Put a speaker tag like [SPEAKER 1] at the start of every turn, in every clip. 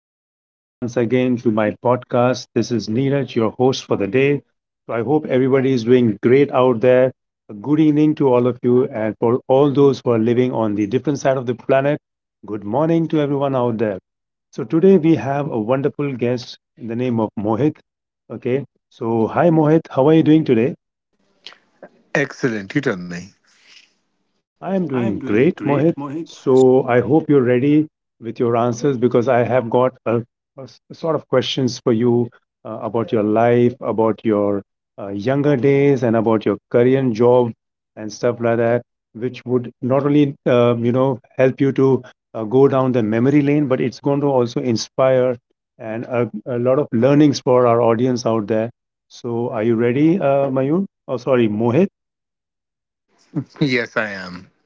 [SPEAKER 1] welcome once again to my podcast. This is Neeraj, your host for the day. So, I hope everybody is doing great out there. A good evening to all of you, and for all those who are living on the different side of the planet, good morning to everyone out there. So, today we have a wonderful guest in the name of Mohit. Okay, so hi, Mohit, how are you doing today?
[SPEAKER 2] Excellent. You tell me.
[SPEAKER 1] I am
[SPEAKER 2] I
[SPEAKER 1] doing
[SPEAKER 2] am doing
[SPEAKER 1] great, Mohit.
[SPEAKER 2] great, Mohit.
[SPEAKER 1] So I hope you're ready with your answers because I have got a sort of questions for you about your life, about your younger days, and about your career and job and stuff like that, which would not only help you to go down the memory lane, but it's going to also inspire and a lot of learnings for our audience out there. So are you ready, Mayur? Oh, sorry, Mohit.
[SPEAKER 2] Yes, I am.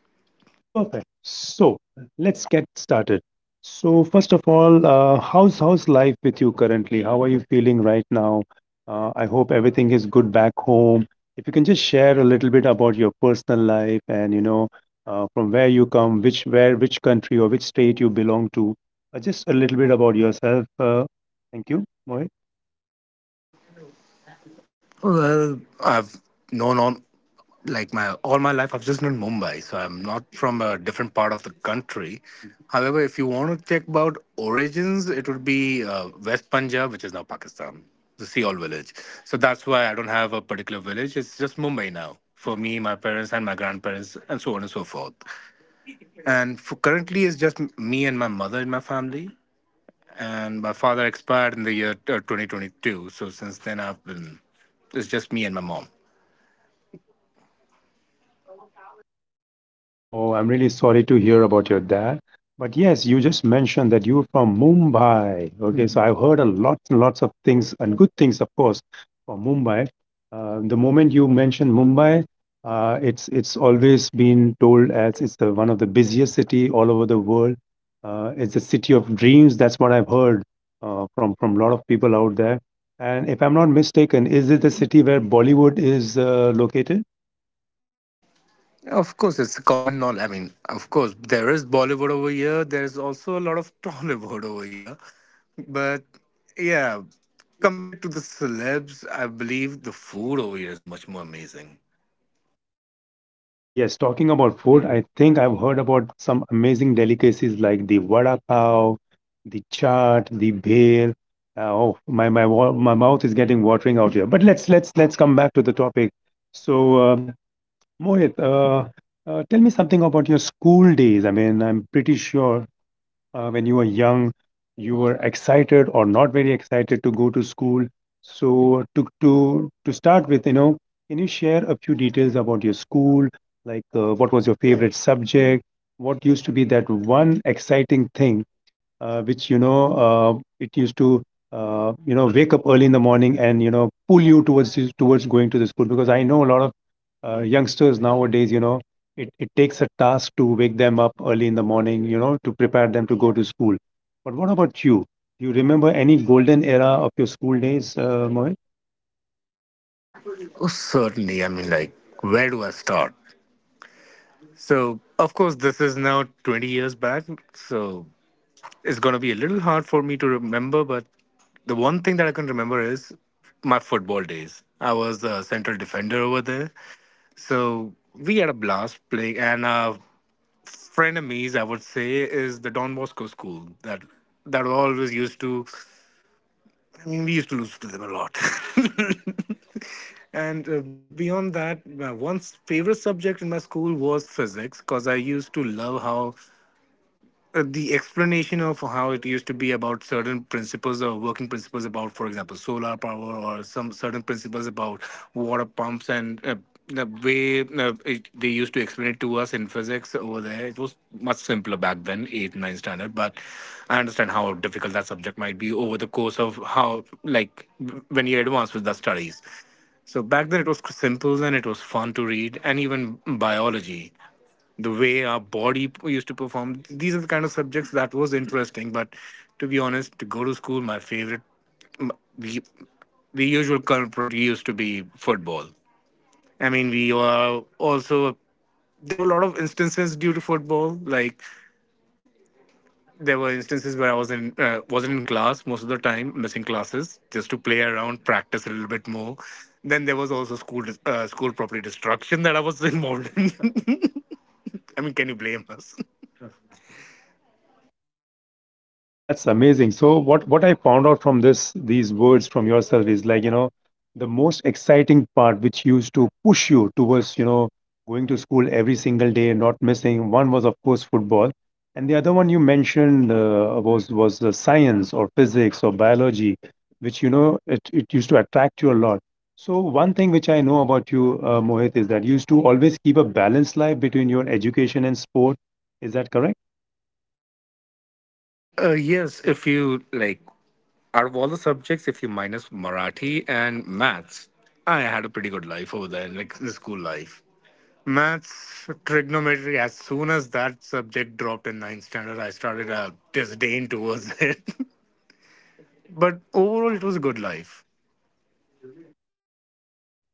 [SPEAKER 1] Perfect. So let's get started. So first of all, how's life with you currently? How are you feeling right now? I hope everything is good back home. If you can just share a little bit about your personal life and from where you come, which country or which state you belong to, just a little bit about yourself. Thank you, Mohit.
[SPEAKER 2] Well, I've known on like my all my life. I've just known Mumbai, so I'm not from a different part of the country. However, if you want to check about origins, it would be West Punjab, which is now Pakistan, the Seol village. So that's why I don't have a particular village. It's just Mumbai now for me, my parents, and my grandparents, and so on and so forth. And for currently, it's just me and my mother in my family. And my father expired in the year 2022. So since then, I've been it's just me and my mom.
[SPEAKER 1] Oh, I'm really sorry to hear about your dad. But yes, you just mentioned that you're from Mumbai. Okay, so I've heard a lot and lots of things and good things, of course, from Mumbai. The moment you mention Mumbai, it's always been told as it's the one of the busiest city all over the world. It's the city of dreams. That's what I've heard from a lot of people out there. And if I'm not mistaken, is it the city where Bollywood is located?
[SPEAKER 2] Of course, it's a common knowledge. I mean, of course there is Bollywood over here, there is also a lot of Tollywood over here. But yeah, compared to the celebs, I believe the food over here is much more amazing.
[SPEAKER 1] Oh, yes. Talking about food, I think I've heard about some amazing delicacies like the vada pav, the chaat, the bhel. My mouth is getting watering out here. But let's come back to the topic. So, Mohit, tell me something about your school days. I mean, I'm pretty sure when you were young, you were excited or not very excited to go to school. So to start with, you know, can you share a few details about your school? Like, what was your favorite subject? What used to be that one exciting thing, which you know, uh, it used to you know wake up early in the morning and you know pull you towards going to the school? Because I know a lot of youngsters nowadays, you know it takes a task to wake them up early in the morning, you know, to prepare them to go to school. But what about you? Do you remember any golden era of your school days, Mohit?
[SPEAKER 2] Oh, certainly. I mean, like, where do I start? So of course, this is now 20 years back, so it's going to be a little hard for me to remember, but the one thing that I can remember is my football days. I was a central defender over there. So we had a blast playing. And a friend of me's, I would say, is the Don Bosco school that always used to, I mean, we used to lose to them a lot. And beyond that, my one favorite subject in my school was physics because I used to love how the explanation of how it used to be about certain principles or working principles about, for example, solar power, or some certain principles about water pumps. And the way they used to explain it to us in physics over there, it was much simpler back then, eighth, ninth standard. But I understand how difficult that subject might be over the course of how, like, when you advance with the studies. So back then it was simple and it was fun to read, and even biology the way our body used to perform. These are the kind of subjects that was interesting. But to be honest, to go to school, my favorite, m- the, the usual culprit used to be football. I mean, we were also there were a lot of instances due to football. Like, there were instances where I wasn't in class most of the time, missing classes just to play around, practice a little bit more. Then there was also school property destruction that I was involved in. I mean, can you blame us?
[SPEAKER 1] Oh, that's amazing. So what I found out from this these words from yourself is like, you know, the most exciting part which used to push you towards, you know, going to school every single day and not missing. One was of course football, and the other one you mentioned was the science or physics or biology, which you know it used to attract you a lot. So one thing which I know about you, Mohit, is that you used to always keep a balanced life between your education and sport. Is that correct?
[SPEAKER 2] Yes, if you like, out of all the subjects, if you minus Marathi and maths, I had a pretty good life over there, like the school life. Maths, trigonometry, as soon as that subject dropped in ninth standard, I started a disdain towards it. But overall, it was a good life.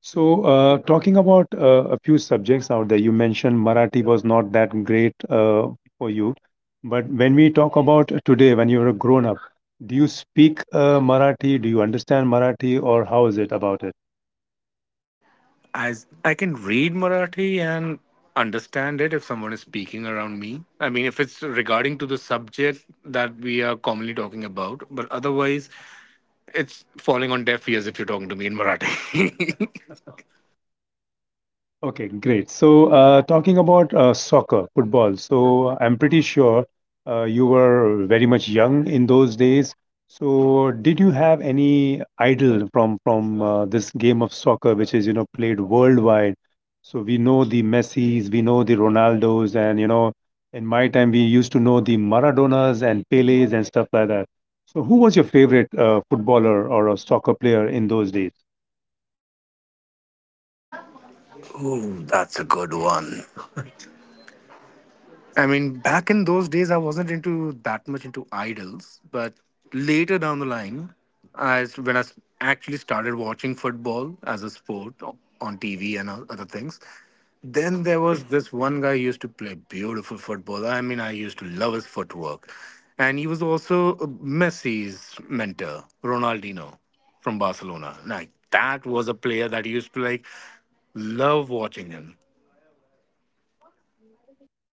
[SPEAKER 1] So, talking about a few subjects out there, you mentioned Marathi was not that great for you. But when we talk about today, when you're a grown up, do you speak Marathi? Do you understand Marathi, or how is it about it?
[SPEAKER 2] As I can read Marathi and understand it if someone is speaking around me. I mean, if it's regarding to the subject that we are commonly talking about, but otherwise, it's falling on deaf ears if you're talking to me in Marathi.
[SPEAKER 1] Okay, great. So, talking about soccer, football. So, I'm pretty sure you were very much young in those days. So, did you have any idol from this game of soccer, which is you know played worldwide? So we know the Messis, we know the Ronaldos, and you know, in my time we used to know the Maradonas and Pelés and stuff like that. So, who was your favorite footballer or a soccer player in those days?
[SPEAKER 2] Ooh, that's a good one. I mean, back in those days, I wasn't into that much into idols, but later down the line, I when I s- actually started watching football as a sport on TV and other things. Then there was this one guy who used to play beautiful football. I mean, I used to love his footwork, and he was also Messi's mentor, Ronaldinho from Barcelona. Like, that was a player that used to, like, love watching him.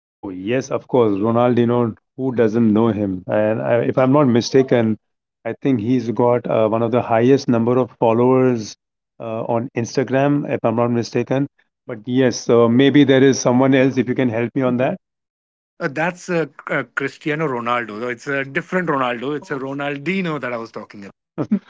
[SPEAKER 1] Oh, yes, of course. Ronaldinho, who doesn't know him? And I, if I'm not mistaken, I think he's got one of the highest number of followers on Instagram, if I'm not mistaken. But yes, so maybe there is someone else if you can help me on
[SPEAKER 2] That's Cristiano Ronaldo, though. It's a different Ronaldo. It's a Ronaldinho that I was talking about.
[SPEAKER 1] that.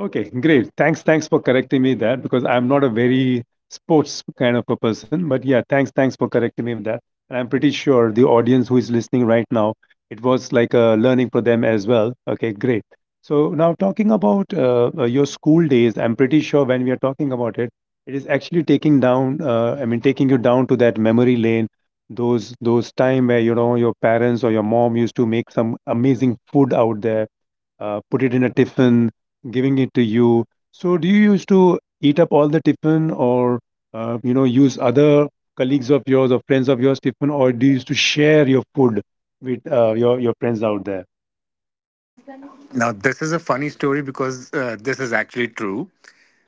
[SPEAKER 1] Okay, great. Thanks for correcting me there because I'm not a very sports kind of a person. But yeah, thanks for correcting me with that. And I'm pretty sure the audience who is listening right now, it was like a learning for them as well. Okay, great. So now talking about your school days, I'm pretty sure when we are talking about it, it is actually taking down. I mean, taking you down to that memory lane, those time where you know your parents or your mom used to make some amazing food out there put it in a tiffin, giving it to you. So, do you used to eat up all the tiffin, or you know, use other colleagues of yours or friends of yours tiffin, or do you used to share your food with your friends out there?
[SPEAKER 2] Now, this is a funny story because this is actually true.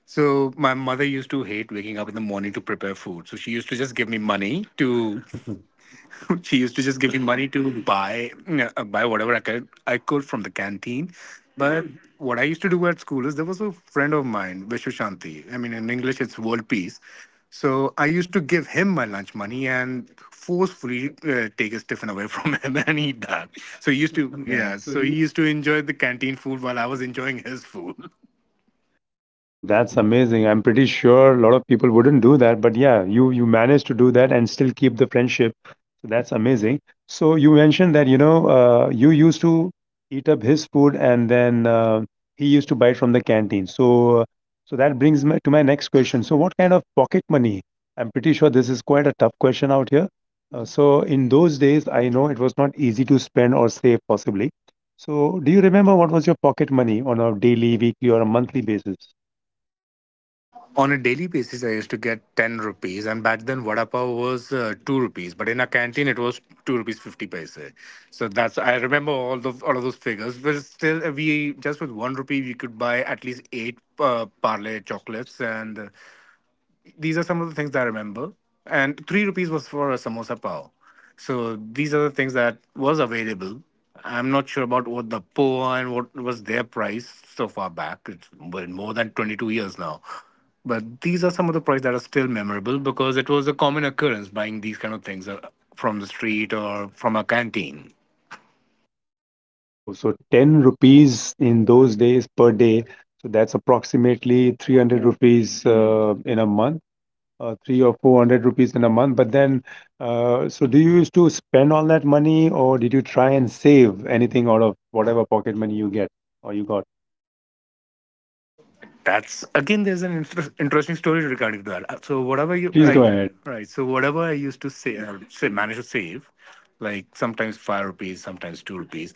[SPEAKER 2] So, my mother used to hate waking up in the morning to prepare food. So, she used to just give me money to she used to just give me money to buy whatever I could from the canteen. But what I used to do at school is there was a friend of mine, Vishwa Shanti. I mean, in English, it's world peace. So I used to give him my lunch money and forcefully take his tiffin away from him and eat that. So he
[SPEAKER 1] Used
[SPEAKER 2] used
[SPEAKER 1] to,
[SPEAKER 2] to,
[SPEAKER 1] yeah.
[SPEAKER 2] yeah.
[SPEAKER 1] So
[SPEAKER 2] So
[SPEAKER 1] he
[SPEAKER 2] he used to enjoy the canteen food while I was enjoying his food.
[SPEAKER 1] oh, that's amazing. I'm pretty sure a lot of people wouldn't do that, but yeah, you managed to do that and still keep the friendship. So that's amazing. So you mentioned that, you know, you used to eat up his food and then he used to buy from the canteen. So uh, so that brings me to my next question. So what kind of pocket money? I'm pretty sure this is quite a tough question out here. So in those days, I know it was not easy to spend or save possibly. So do you remember what was your pocket money on a daily, weekly, or a monthly basis?
[SPEAKER 2] On a daily basis, I used to get 10 rupees, and back then vada pav was 2 rupees, but in a canteen it was 2 rupees 50 paise. So that's, I remember all of those figures. But still, we just with 1 rupee we could buy at least 8 parlay chocolates. And these are some of the things that I remember. And 3 rupees was for a samosa pao. So these are the things that was available. I'm not sure about what the poa and what was their price so far back. It's been more than 22 years now. But these are some of the prices that are still memorable because it was a common occurrence buying these kind of things from the street or from a canteen.
[SPEAKER 1] Oh, so 10 rupees in those days per day. So that's approximately 300 rupees in a month, three or 400 rupees in a month. But then, so do you used to spend all that money or did you try and save anything out of whatever pocket money you get or you got?
[SPEAKER 2] That's again. There's an interesting story regarding that. So
[SPEAKER 1] Whatever
[SPEAKER 2] whatever
[SPEAKER 1] you
[SPEAKER 2] you, please,
[SPEAKER 1] please try,
[SPEAKER 2] I,
[SPEAKER 1] go
[SPEAKER 2] go
[SPEAKER 1] ahead.
[SPEAKER 2] ahead. Right. So whatever I used to say manage to save, like sometimes 5 rupees, sometimes 2 rupees.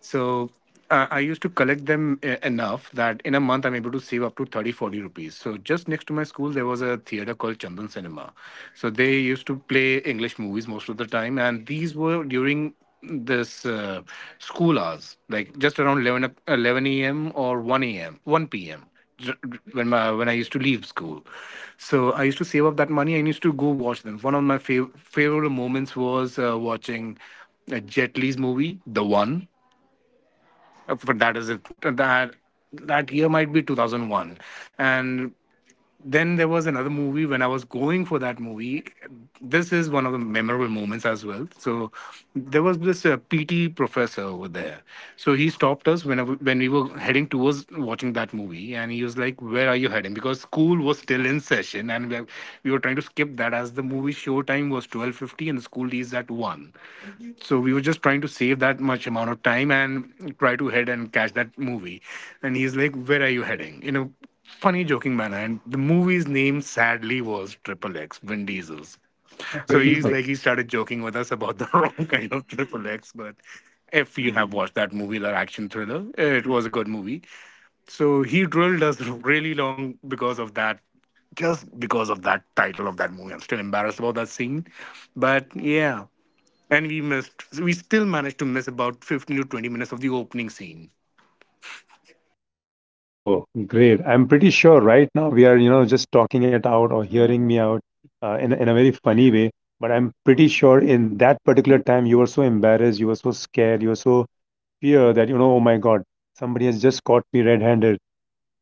[SPEAKER 2] So I used to collect them enough that in a month I'm able to save up to 30, 40 rupees. So just next to my school there was a theater called Chandan Cinema. So they used to play English movies most of the time, and these were during this school hours, like just around 11, a.m. or 1 a.m., 1 p.m. when when I used to leave school. So I used to save up that money and used to go watch them. One of my favorite moments was watching Jet Li's movie, The One. But that is it. That year might be 2001. And then there was another movie when I was going for that movie. This is one of the memorable moments as well. So there was this PT professor over there. So he stopped us whenever when we were heading towards watching that movie, and he was like, "Where are you heading?" Because school was still in session, and we were trying to skip that as the movie show time was 12:50 and the school is at one. So we were just trying to save that much amount of time and try to head and catch that movie. And he's like, "Where are you heading?" You know, funny joking manner. And the movie's name sadly was Triple X, Vin Diesel's.
[SPEAKER 1] So
[SPEAKER 2] So
[SPEAKER 1] he's
[SPEAKER 2] he's like, he started joking with us about the wrong kind of Triple X. But if you have watched that movie, that action thriller, it was a good movie. So he drilled us really long because of that, just because of that title of that movie. I'm still embarrassed about that scene, but yeah. And we still managed to miss about 15 to 20 minutes of the opening scene.
[SPEAKER 1] oh, great. I'm pretty sure right now we are, you know, just talking it out or hearing me out in a very funny way. But I'm pretty sure in that particular time you were so embarrassed, you were so scared, you were so fear that, you know, oh my God, somebody has just caught me red-handed.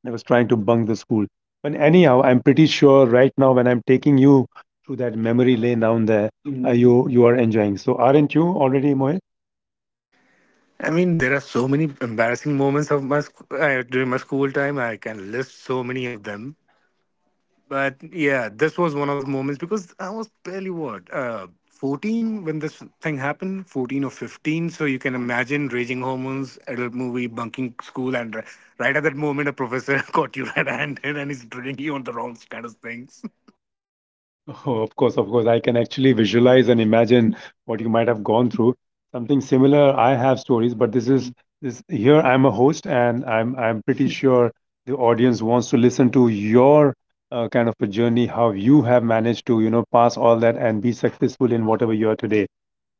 [SPEAKER 1] I was trying to bunk the school. But anyhow, I'm pretty sure right now when I'm taking you through that memory lane down there, mm, you are enjoying. So aren't you already, Mohit?
[SPEAKER 2] I mean, there are so many embarrassing moments during my school time. I can list so many of them, but yeah, this was one of the moments because I was barely, what 14 when this thing happened, 14 or 15. So you can imagine raging hormones, adult movie, bunking school, and right at that moment, a professor caught you red-handed and he's drilling you on the wrong kind of things.
[SPEAKER 1] Oh, of course, of course. I can actually visualize and imagine what you might have gone through. Something similar, I have stories, but this here I'm a host and I'm pretty sure the audience wants to listen to your kind of a journey, how you have managed to, you know, pass all that and be successful in whatever you are today.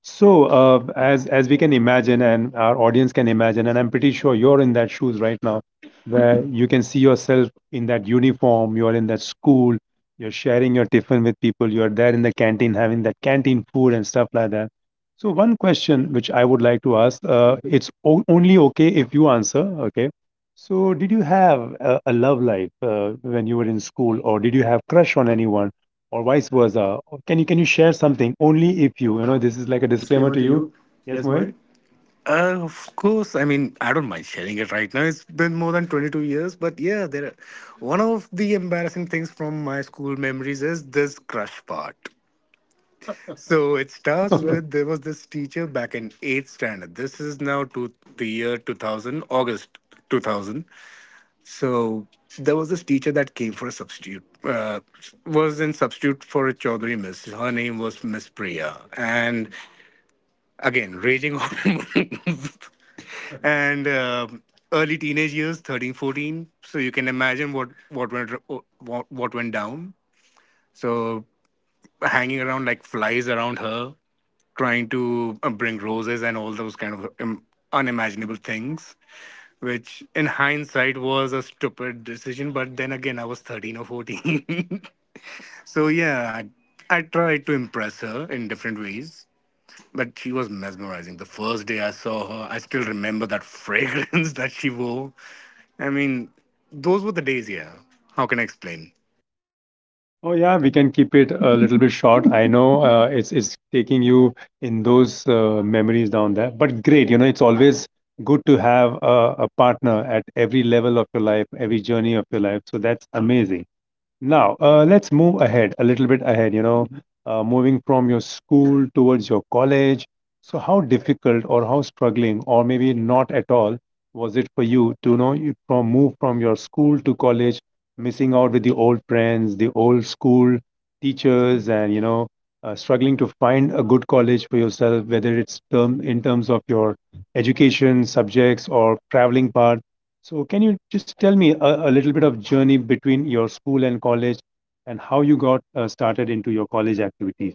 [SPEAKER 1] So, as we can imagine, and our audience can imagine, and I'm pretty sure you're in that shoes right now, where you can see yourself in that uniform, you're in that school, you're sharing your tiffin with people, you're there in the canteen having that canteen food and stuff like that. So, one question which I would like to ask, it's o only okay if you answer, okay? So, did you have a love life when you were in school, or did you have crush on anyone? Or vice versa? Or can you share something only if you you know this is like a
[SPEAKER 2] Like a
[SPEAKER 1] disclaimer
[SPEAKER 2] disclaimer
[SPEAKER 1] to
[SPEAKER 2] to
[SPEAKER 1] you?
[SPEAKER 2] you,
[SPEAKER 1] Yes,
[SPEAKER 2] yes,
[SPEAKER 1] Mohit.
[SPEAKER 2] Mohit. Of course. I mean, I don't mind sharing it right now. It's been more than 22 years, but yeah, one of the embarrassing things from my school memories is this crush part. So
[SPEAKER 1] It
[SPEAKER 2] it
[SPEAKER 1] starts
[SPEAKER 2] starts
[SPEAKER 1] with
[SPEAKER 2] with there was this teacher back in 8th standard. This is now to the year 2000, August 2000. So there was this teacher that came for a substitute, was in substitute for a Chaudhary miss. Her name was Miss Priya. And again, raging hormones and early teenage years, 13, 14. So you can imagine what went down. So hanging around like flies around her, trying to bring roses and all those kind of unimaginable things, which in hindsight was a stupid decision. But then again, I was 13 or 14. So yeah, I tried to impress her in different ways. But she was mesmerizing. The first day I saw her, I still remember that fragrance that she wore. I mean, those were the days, yeah. How can I explain?
[SPEAKER 1] oh yeah, we can keep it a little bit short. I know it's taking you in those memories down there, but great. You know, it's always good to have a partner at every level of your life, every journey of your life. So that's amazing. Now, let's move ahead a little bit ahead, you know, moving from your school towards your college. So, how difficult or how struggling, or maybe not at all, was it for you to you know you from move from your school to college, missing out with the old friends, the old school teachers, and struggling to find a good college for yourself, whether it's term in terms of your education subjects or traveling part. So can you just tell me a little bit of journey between your school and college and how you got started into your college activities?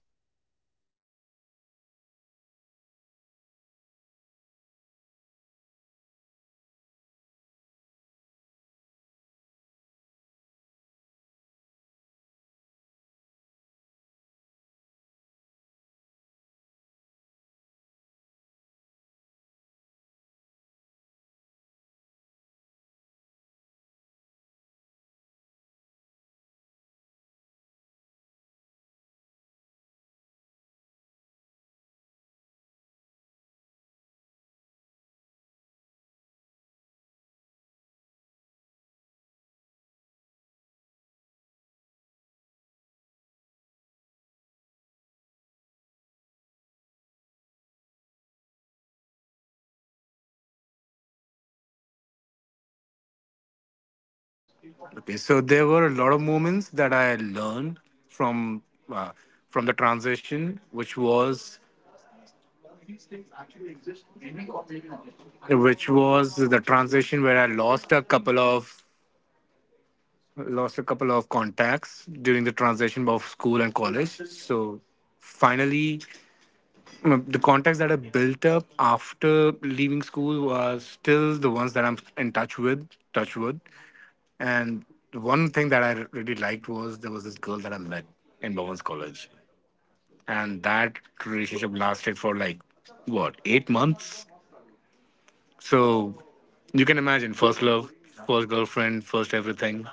[SPEAKER 2] Okay, so there were a lot of moments that I learned from uh, from the transition, which was the transition where I lost a couple of contacts during the transition of school and college. So finally, the contacts that I built up after leaving school are still the ones that I'm in touch with, touch wood. And the one thing that I really liked was there was this girl that I met in Bowen's college. And that relationship lasted for like, what, 8 months? So you can imagine first love, first girlfriend, first everything.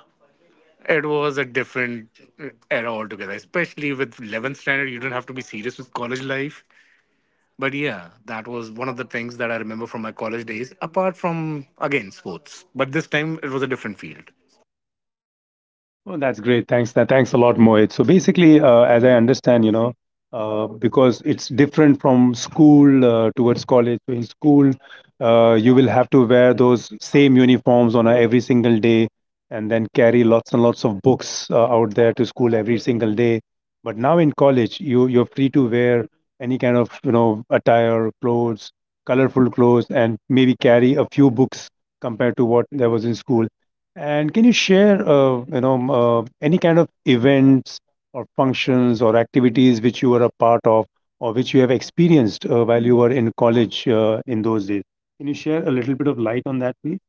[SPEAKER 2] It was a different era altogether, especially with 11th standard. You don't have to be serious with college life. But yeah, that was one of the things that I remember from my college days, apart from, again, sports. But this time it was a different field.
[SPEAKER 1] Oh, that's great. Thanks. Thanks a lot, Mohit. So basically, as I understand, you know, because it's different from school towards college. So in school, you will have to wear those same uniforms on a, every single day, and then carry lots and lots of books out there to school every single day. But now in college, you're free to wear any kind of attire, clothes, colorful clothes, and maybe carry a few books compared to what there was in school. And can you share, you know, any kind of events or functions or activities which you were a part of or which you have experienced while you were in college in those days? Can you share a little bit of light on that, please?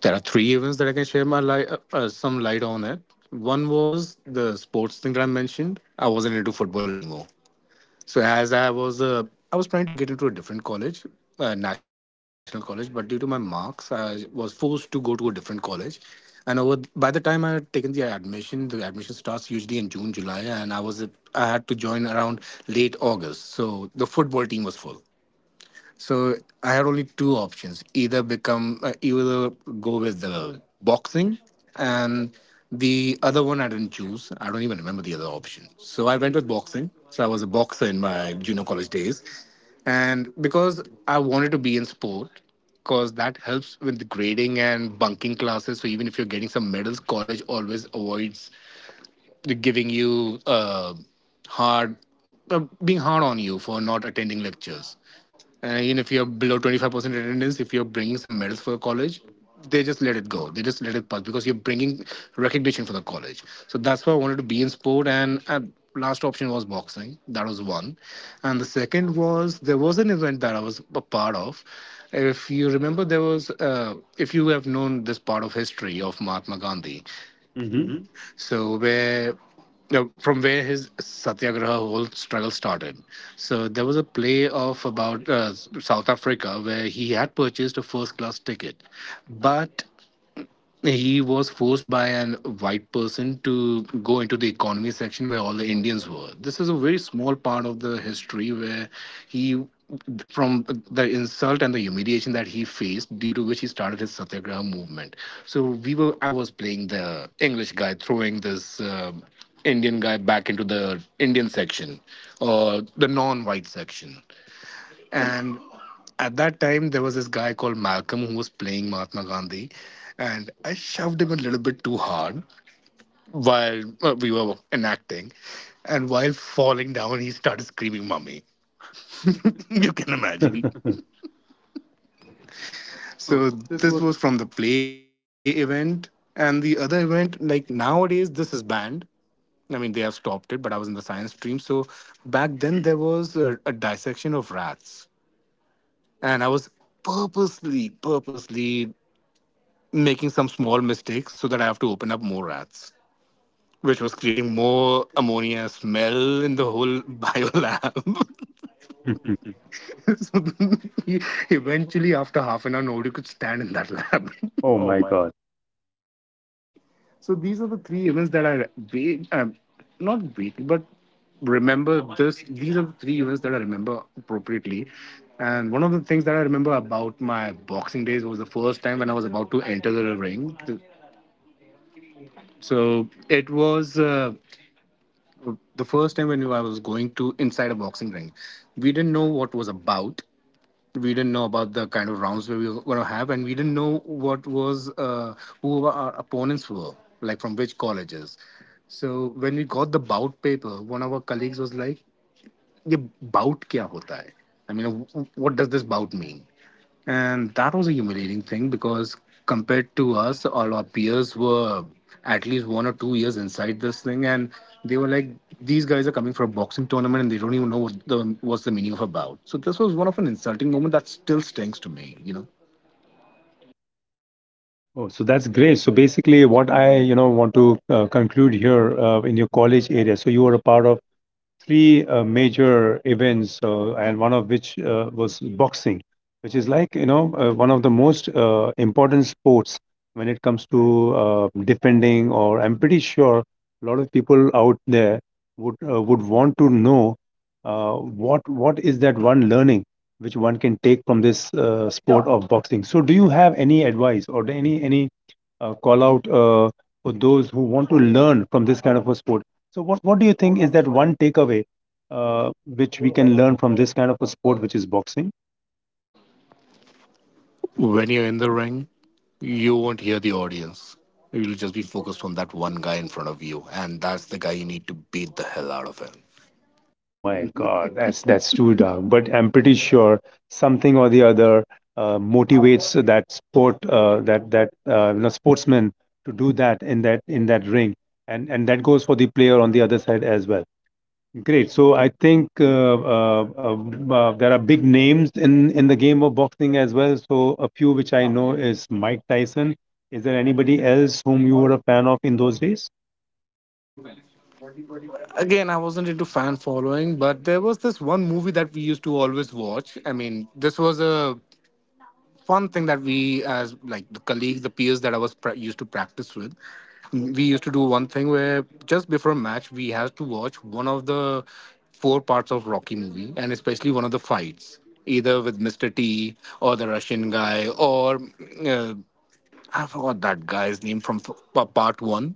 [SPEAKER 2] There are three events that I can share some light on it. One was the sports thing that I mentioned. I wasn't into football anymore. So I was trying to get into a different college, national college, but due to my marks, I was forced to go to a different college. And over by the time I had taken the admission starts usually in June, July, and I had to join around late August. So the football team was full. So I had only two options: either go with the boxing, and the other one I didn't choose. I don't even remember the other option. So I went with boxing. So I was a boxer in my junior college days, and because I wanted to be in sport, because that helps with the grading and bunking classes. So even if you're getting some medals, college always avoids giving you hard, being hard on you for not attending lectures. And even if you're below 25% attendance, if you're bringing some medals for your college, they just let it go. They just let it pass because you're bringing recognition for the college. So that's why I wanted to be in sport. And last option was boxing. That was one. And the second was there was an event that I was a part of. If you remember, if you have known this part of history of Mahatma Gandhi,
[SPEAKER 1] Mm-hmm.
[SPEAKER 2] so where no, from where his Satyagraha whole struggle started. So there was a play of about South Africa where he had purchased a first class ticket, but he was forced by an white person to go into the economy section where all the Indians were. This is a very small part of the history where he, from the insult and the humiliation that he faced, due to which he started his Satyagraha movement. So I was playing the English guy throwing this Indian guy back into the Indian section or the non-white section. And at that time, there was this guy called Malcolm who was playing Mahatma Gandhi. And I shoved him a little bit too hard while we were enacting. And while falling down, he started screaming, Mummy. You
[SPEAKER 1] Can
[SPEAKER 2] can
[SPEAKER 1] imagine.
[SPEAKER 2] imagine.
[SPEAKER 1] So
[SPEAKER 2] So
[SPEAKER 1] this
[SPEAKER 2] this
[SPEAKER 1] was
[SPEAKER 2] was from the play event. And the other event, like nowadays, this is banned. I mean, they have stopped it, but I was in the science stream. So back then, there was a dissection of rats. And I was purposely, purposely making some small mistakes so that I have to open up more rats, which was creating more ammonia smell in the whole biolab. so he- eventually, after half an hour, nobody could stand in that lab.
[SPEAKER 1] Oh
[SPEAKER 2] Oh
[SPEAKER 1] my
[SPEAKER 2] my.
[SPEAKER 1] God.
[SPEAKER 2] So these are the three events that I wait, not wait, but remember this. These are the three events that I remember appropriately. And one of the things that I remember about my boxing days was the first time when I was about to enter the ring. So it was. The first time when I was going to inside a boxing ring, we didn't know what was about. We didn't know about the kind of rounds where we were going to have, and we didn't know what was who our opponents were, like from which colleges. So when we got the bout paper, one of our colleagues was like, ये bout क्या होता है I mean what does this bout mean. And that was a humiliating thing because compared to us, all our peers were at least 1 or 2 years inside this thing, and they were like, these guys are coming for a boxing tournament and they don't even know what's the meaning of a bout. So this was one of an insulting moment that still stings to me.
[SPEAKER 1] Oh, so that's great. So basically, what I, you know, want to conclude here in your college area. So you were a part of three major events, and one of which was boxing, which is like one of the most important sports when it comes to defending. Or I'm pretty sure a lot of people out there would want to know what is that one learning which one can take from this Yeah. sport of boxing. So, do you have any advice or any call out for those who want to learn from this kind of a sport. So, what do you think is that one takeaway which we can learn from this kind of a sport, which is boxing?
[SPEAKER 2] When you're in the ring, you won't hear the audience. You'll just be focused on that one guy in front of you, and that's the guy you need to beat the hell out of him.
[SPEAKER 1] Oh my God, that's too dark. But I'm pretty sure something or the other motivates that sport, that that you know, sportsman to do that in that ring, and that goes for the player on the other side as well. Great. So I think there are big names in the game of boxing as well. So a few which I know is Mike Tyson. Is there anybody else whom you were a fan of in those days?
[SPEAKER 2] Again, I wasn't into fan following, but there was this one movie that we used to always watch. I mean, this was a fun thing that we, as like the colleagues, the peers that used to practice with. We used to do one thing where just before a match we had to watch one of the four parts of Rocky movie, and especially one of the fights either with Mr. T or the Russian guy, or uh, I forgot that guy's name from part one,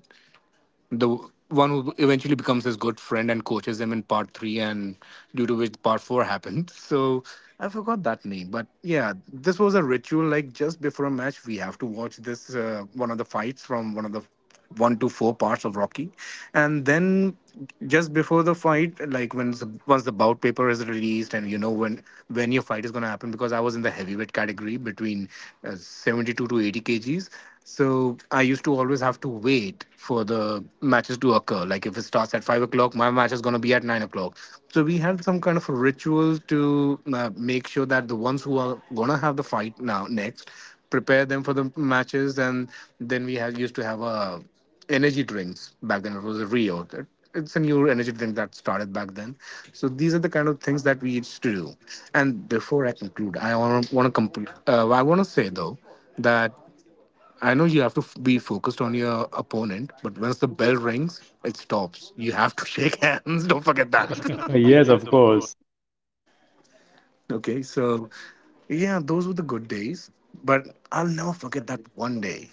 [SPEAKER 2] the one who eventually becomes his good friend and coaches him in part three, and due to which part four happened. So I forgot that name, but yeah, this was a ritual. Like just before a match, we have to watch this one of the fights from one to four parts of Rocky, and then just before the fight, like once the bout paper is released, and you know when your fight is gonna happen. Because I was in the heavyweight category between 72 to 80 kgs, so I used to always have to wait for the matches to occur. Like if it starts at 5 o'clock, my match is going to be at 9 o'clock. So we had some kind of a ritual to make sure that the ones who are going to have the fight now next prepare them for the matches, and then we had used to have a energy drinks back then. It was a Rio. It's a new energy drink that started back then. So these are the kind of things that we used to do. And before I conclude, I want to say though that I know you have to be focused on your opponent, but once the bell rings, it stops. You have to shake hands. Don't forget that.
[SPEAKER 1] Yes,
[SPEAKER 2] Yes,
[SPEAKER 1] of
[SPEAKER 2] of course.
[SPEAKER 1] course.
[SPEAKER 2] Okay,
[SPEAKER 1] So
[SPEAKER 2] so yeah, those were the good days, but I'll never forget that one day.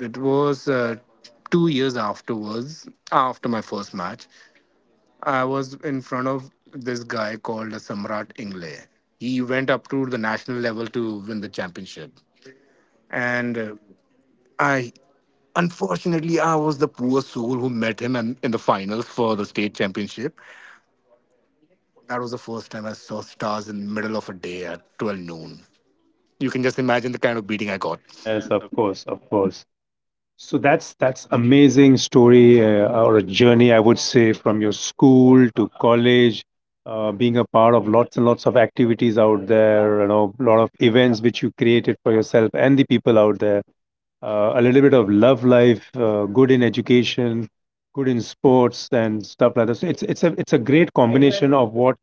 [SPEAKER 2] It was 2 years afterwards, after my first match. I was in front of this guy called Samrat Ingle. He went up to the national level to win the championship, and I unfortunately, I was the poor soul who met him and in the finals for the state championship. That was the first time I saw stars in the middle of a day at 12 noon. You can just imagine the kind of beating I got.
[SPEAKER 1] Yes, of course, of course. So that's amazing story or a journey, I would say, from your school to college, being a part of lots and lots of activities out there. You know, a lot of events which you created for yourself and the people out there. A little bit of love life, good in education, good in sports and stuff like that. So it's it's a great combination of what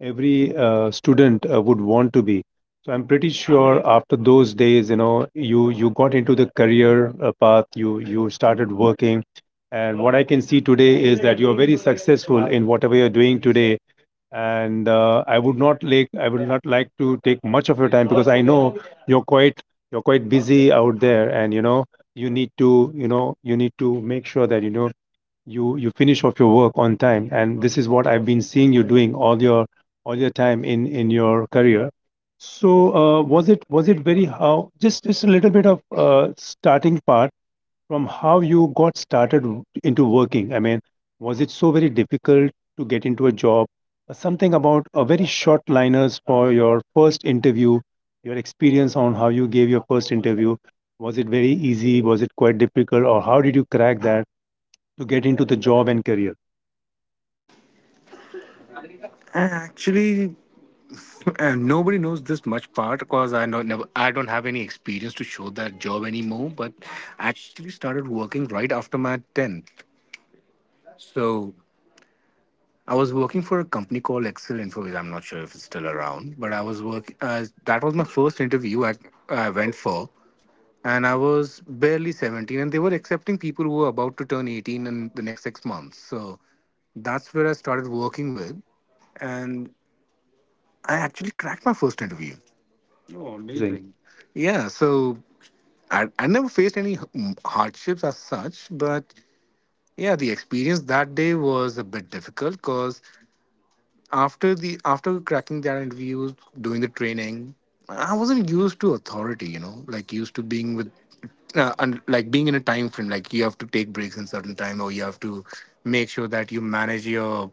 [SPEAKER 1] every student would want to be. So I'm pretty sure after those days, you know, you got into the career path, you started working, and what I can see today is that you're very successful in whatever you're doing today. And I would not like to take much of your time because I know you're quite you're quite busy out there, and you need to make sure that you finish off your work on time, and this is what I've been seeing you doing all your time in your career. So was it very how just a little bit of starting part from how you got started into working. I mean, was it so very difficult to get into a job? Something about a very short liners for your first interview, your experience on how you gave your first interview. Was it very easy, was it quite difficult, or how did you crack that to get into the job and career?
[SPEAKER 2] Actually, nobody knows this much part because I know never, I don't have any experience to show that job anymore. But I actually started working right after my tenth. So I was working for a company called Excel Info. I'm not sure if it's still around, but I was work. That was my first interview I went for, and I was barely 17, and they were accepting people who were about to turn 18 in the next 6 months. So that's where I started working with, and I actually cracked my first interview.
[SPEAKER 1] Oh,
[SPEAKER 2] Oh,
[SPEAKER 1] amazing.
[SPEAKER 2] amazing. Yeah, so I never faced any hardships as such, but yeah, the experience that day was a bit difficult because after cracking that interviews, doing the training, I wasn't used to authority. You know, like used to being with, and like being in a time frame. Like you have to take breaks in certain time, or you have to make sure that you manage your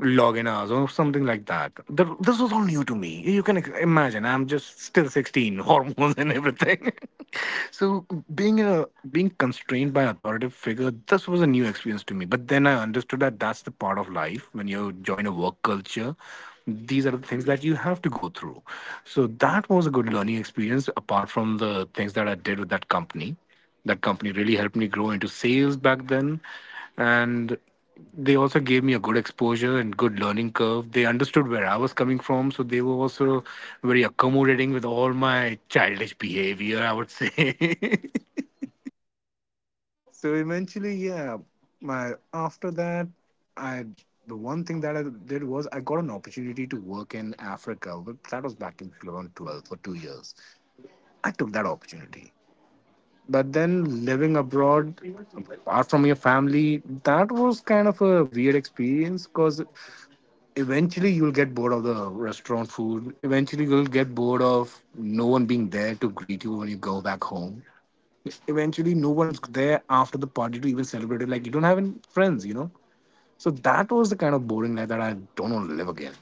[SPEAKER 2] login hours or something like that. This was all new to me. You can imagine. I'm just still 16, hormones and everything. So being in a being constrained by authoritative figure, this was a new experience to me. But then I understood that that's the part of life when you join a work culture. These are the things that you have to go through. So that was a good learning experience apart from the things that I did with that company. That company really helped me grow into sales back then. And they also gave me a good exposure and good learning curve. They understood where I was coming from, so they were also very accommodating with all my childish behavior, I would say. So eventually, yeah, my after that, I the one thing that I did was I got an opportunity to work in Africa, but that was back in 2012 for 2 years. I took that opportunity. But then living abroad, apart from your family, that was kind of a weird experience because eventually you'll get bored of the restaurant food. Eventually you'll get bored of no one being there to greet you when you go back home. Eventually no one's there after the party to even celebrate it. Like you don't have any friends. So that was the kind of boring life that I don't want to live again.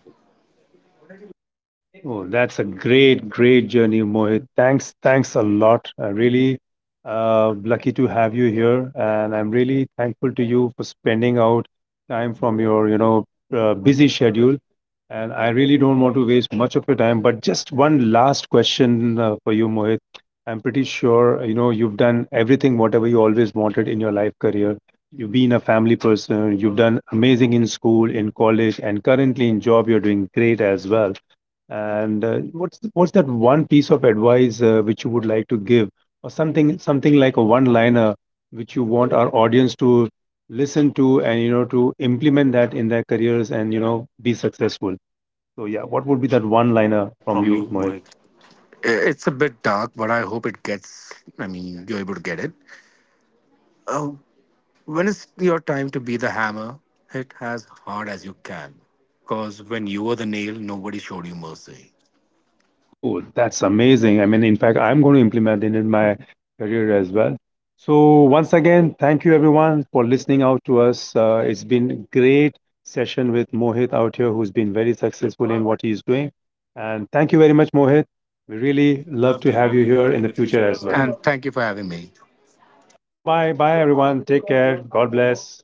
[SPEAKER 1] Oh, that's a great, great journey, Mohit. Thanks, thanks a lot. I really lucky to have you here, and I'm really thankful to you for spending out time from your, you know, busy schedule. And I really don't want to waste much of your time, but just one last question for you, Mohit. I'm pretty sure, you know, you've done everything, whatever you always wanted in your life career. You've been a family person, you've done amazing in school, in college, and currently in job, you're doing great as well. And what's that one piece of advice which you would like to give, or something like a one-liner which you want our audience to listen to and to implement that in their careers and be successful. So yeah, what would be that one-liner
[SPEAKER 2] Yeah,
[SPEAKER 1] from
[SPEAKER 2] from you,
[SPEAKER 1] you, Mohit?
[SPEAKER 2] Mohit. It's a bit dark, but I hope it gets. I mean, you're able to get it. Uh, when is your time to be the hammer? Hit as hard as you can, because when you were the nail, nobody showed you mercy.
[SPEAKER 1] Oh, that's amazing. I mean, in fact, I'm going to implement it in my career as well. So, once again, thank you everyone for listening out to us. It's been a great session with Mohit out here, who's been very successful in what he's doing. And thank you very much, Mohit. We really
[SPEAKER 2] Really
[SPEAKER 1] love
[SPEAKER 2] love
[SPEAKER 1] to
[SPEAKER 2] to
[SPEAKER 1] have
[SPEAKER 2] have
[SPEAKER 1] you
[SPEAKER 2] you
[SPEAKER 1] here
[SPEAKER 2] here
[SPEAKER 1] in
[SPEAKER 2] in
[SPEAKER 1] the
[SPEAKER 2] the
[SPEAKER 1] future
[SPEAKER 2] future
[SPEAKER 1] as
[SPEAKER 2] as well.
[SPEAKER 1] well.
[SPEAKER 2] And thank you for having me.
[SPEAKER 1] Bye bye. Bye, everyone. Take care. God bless.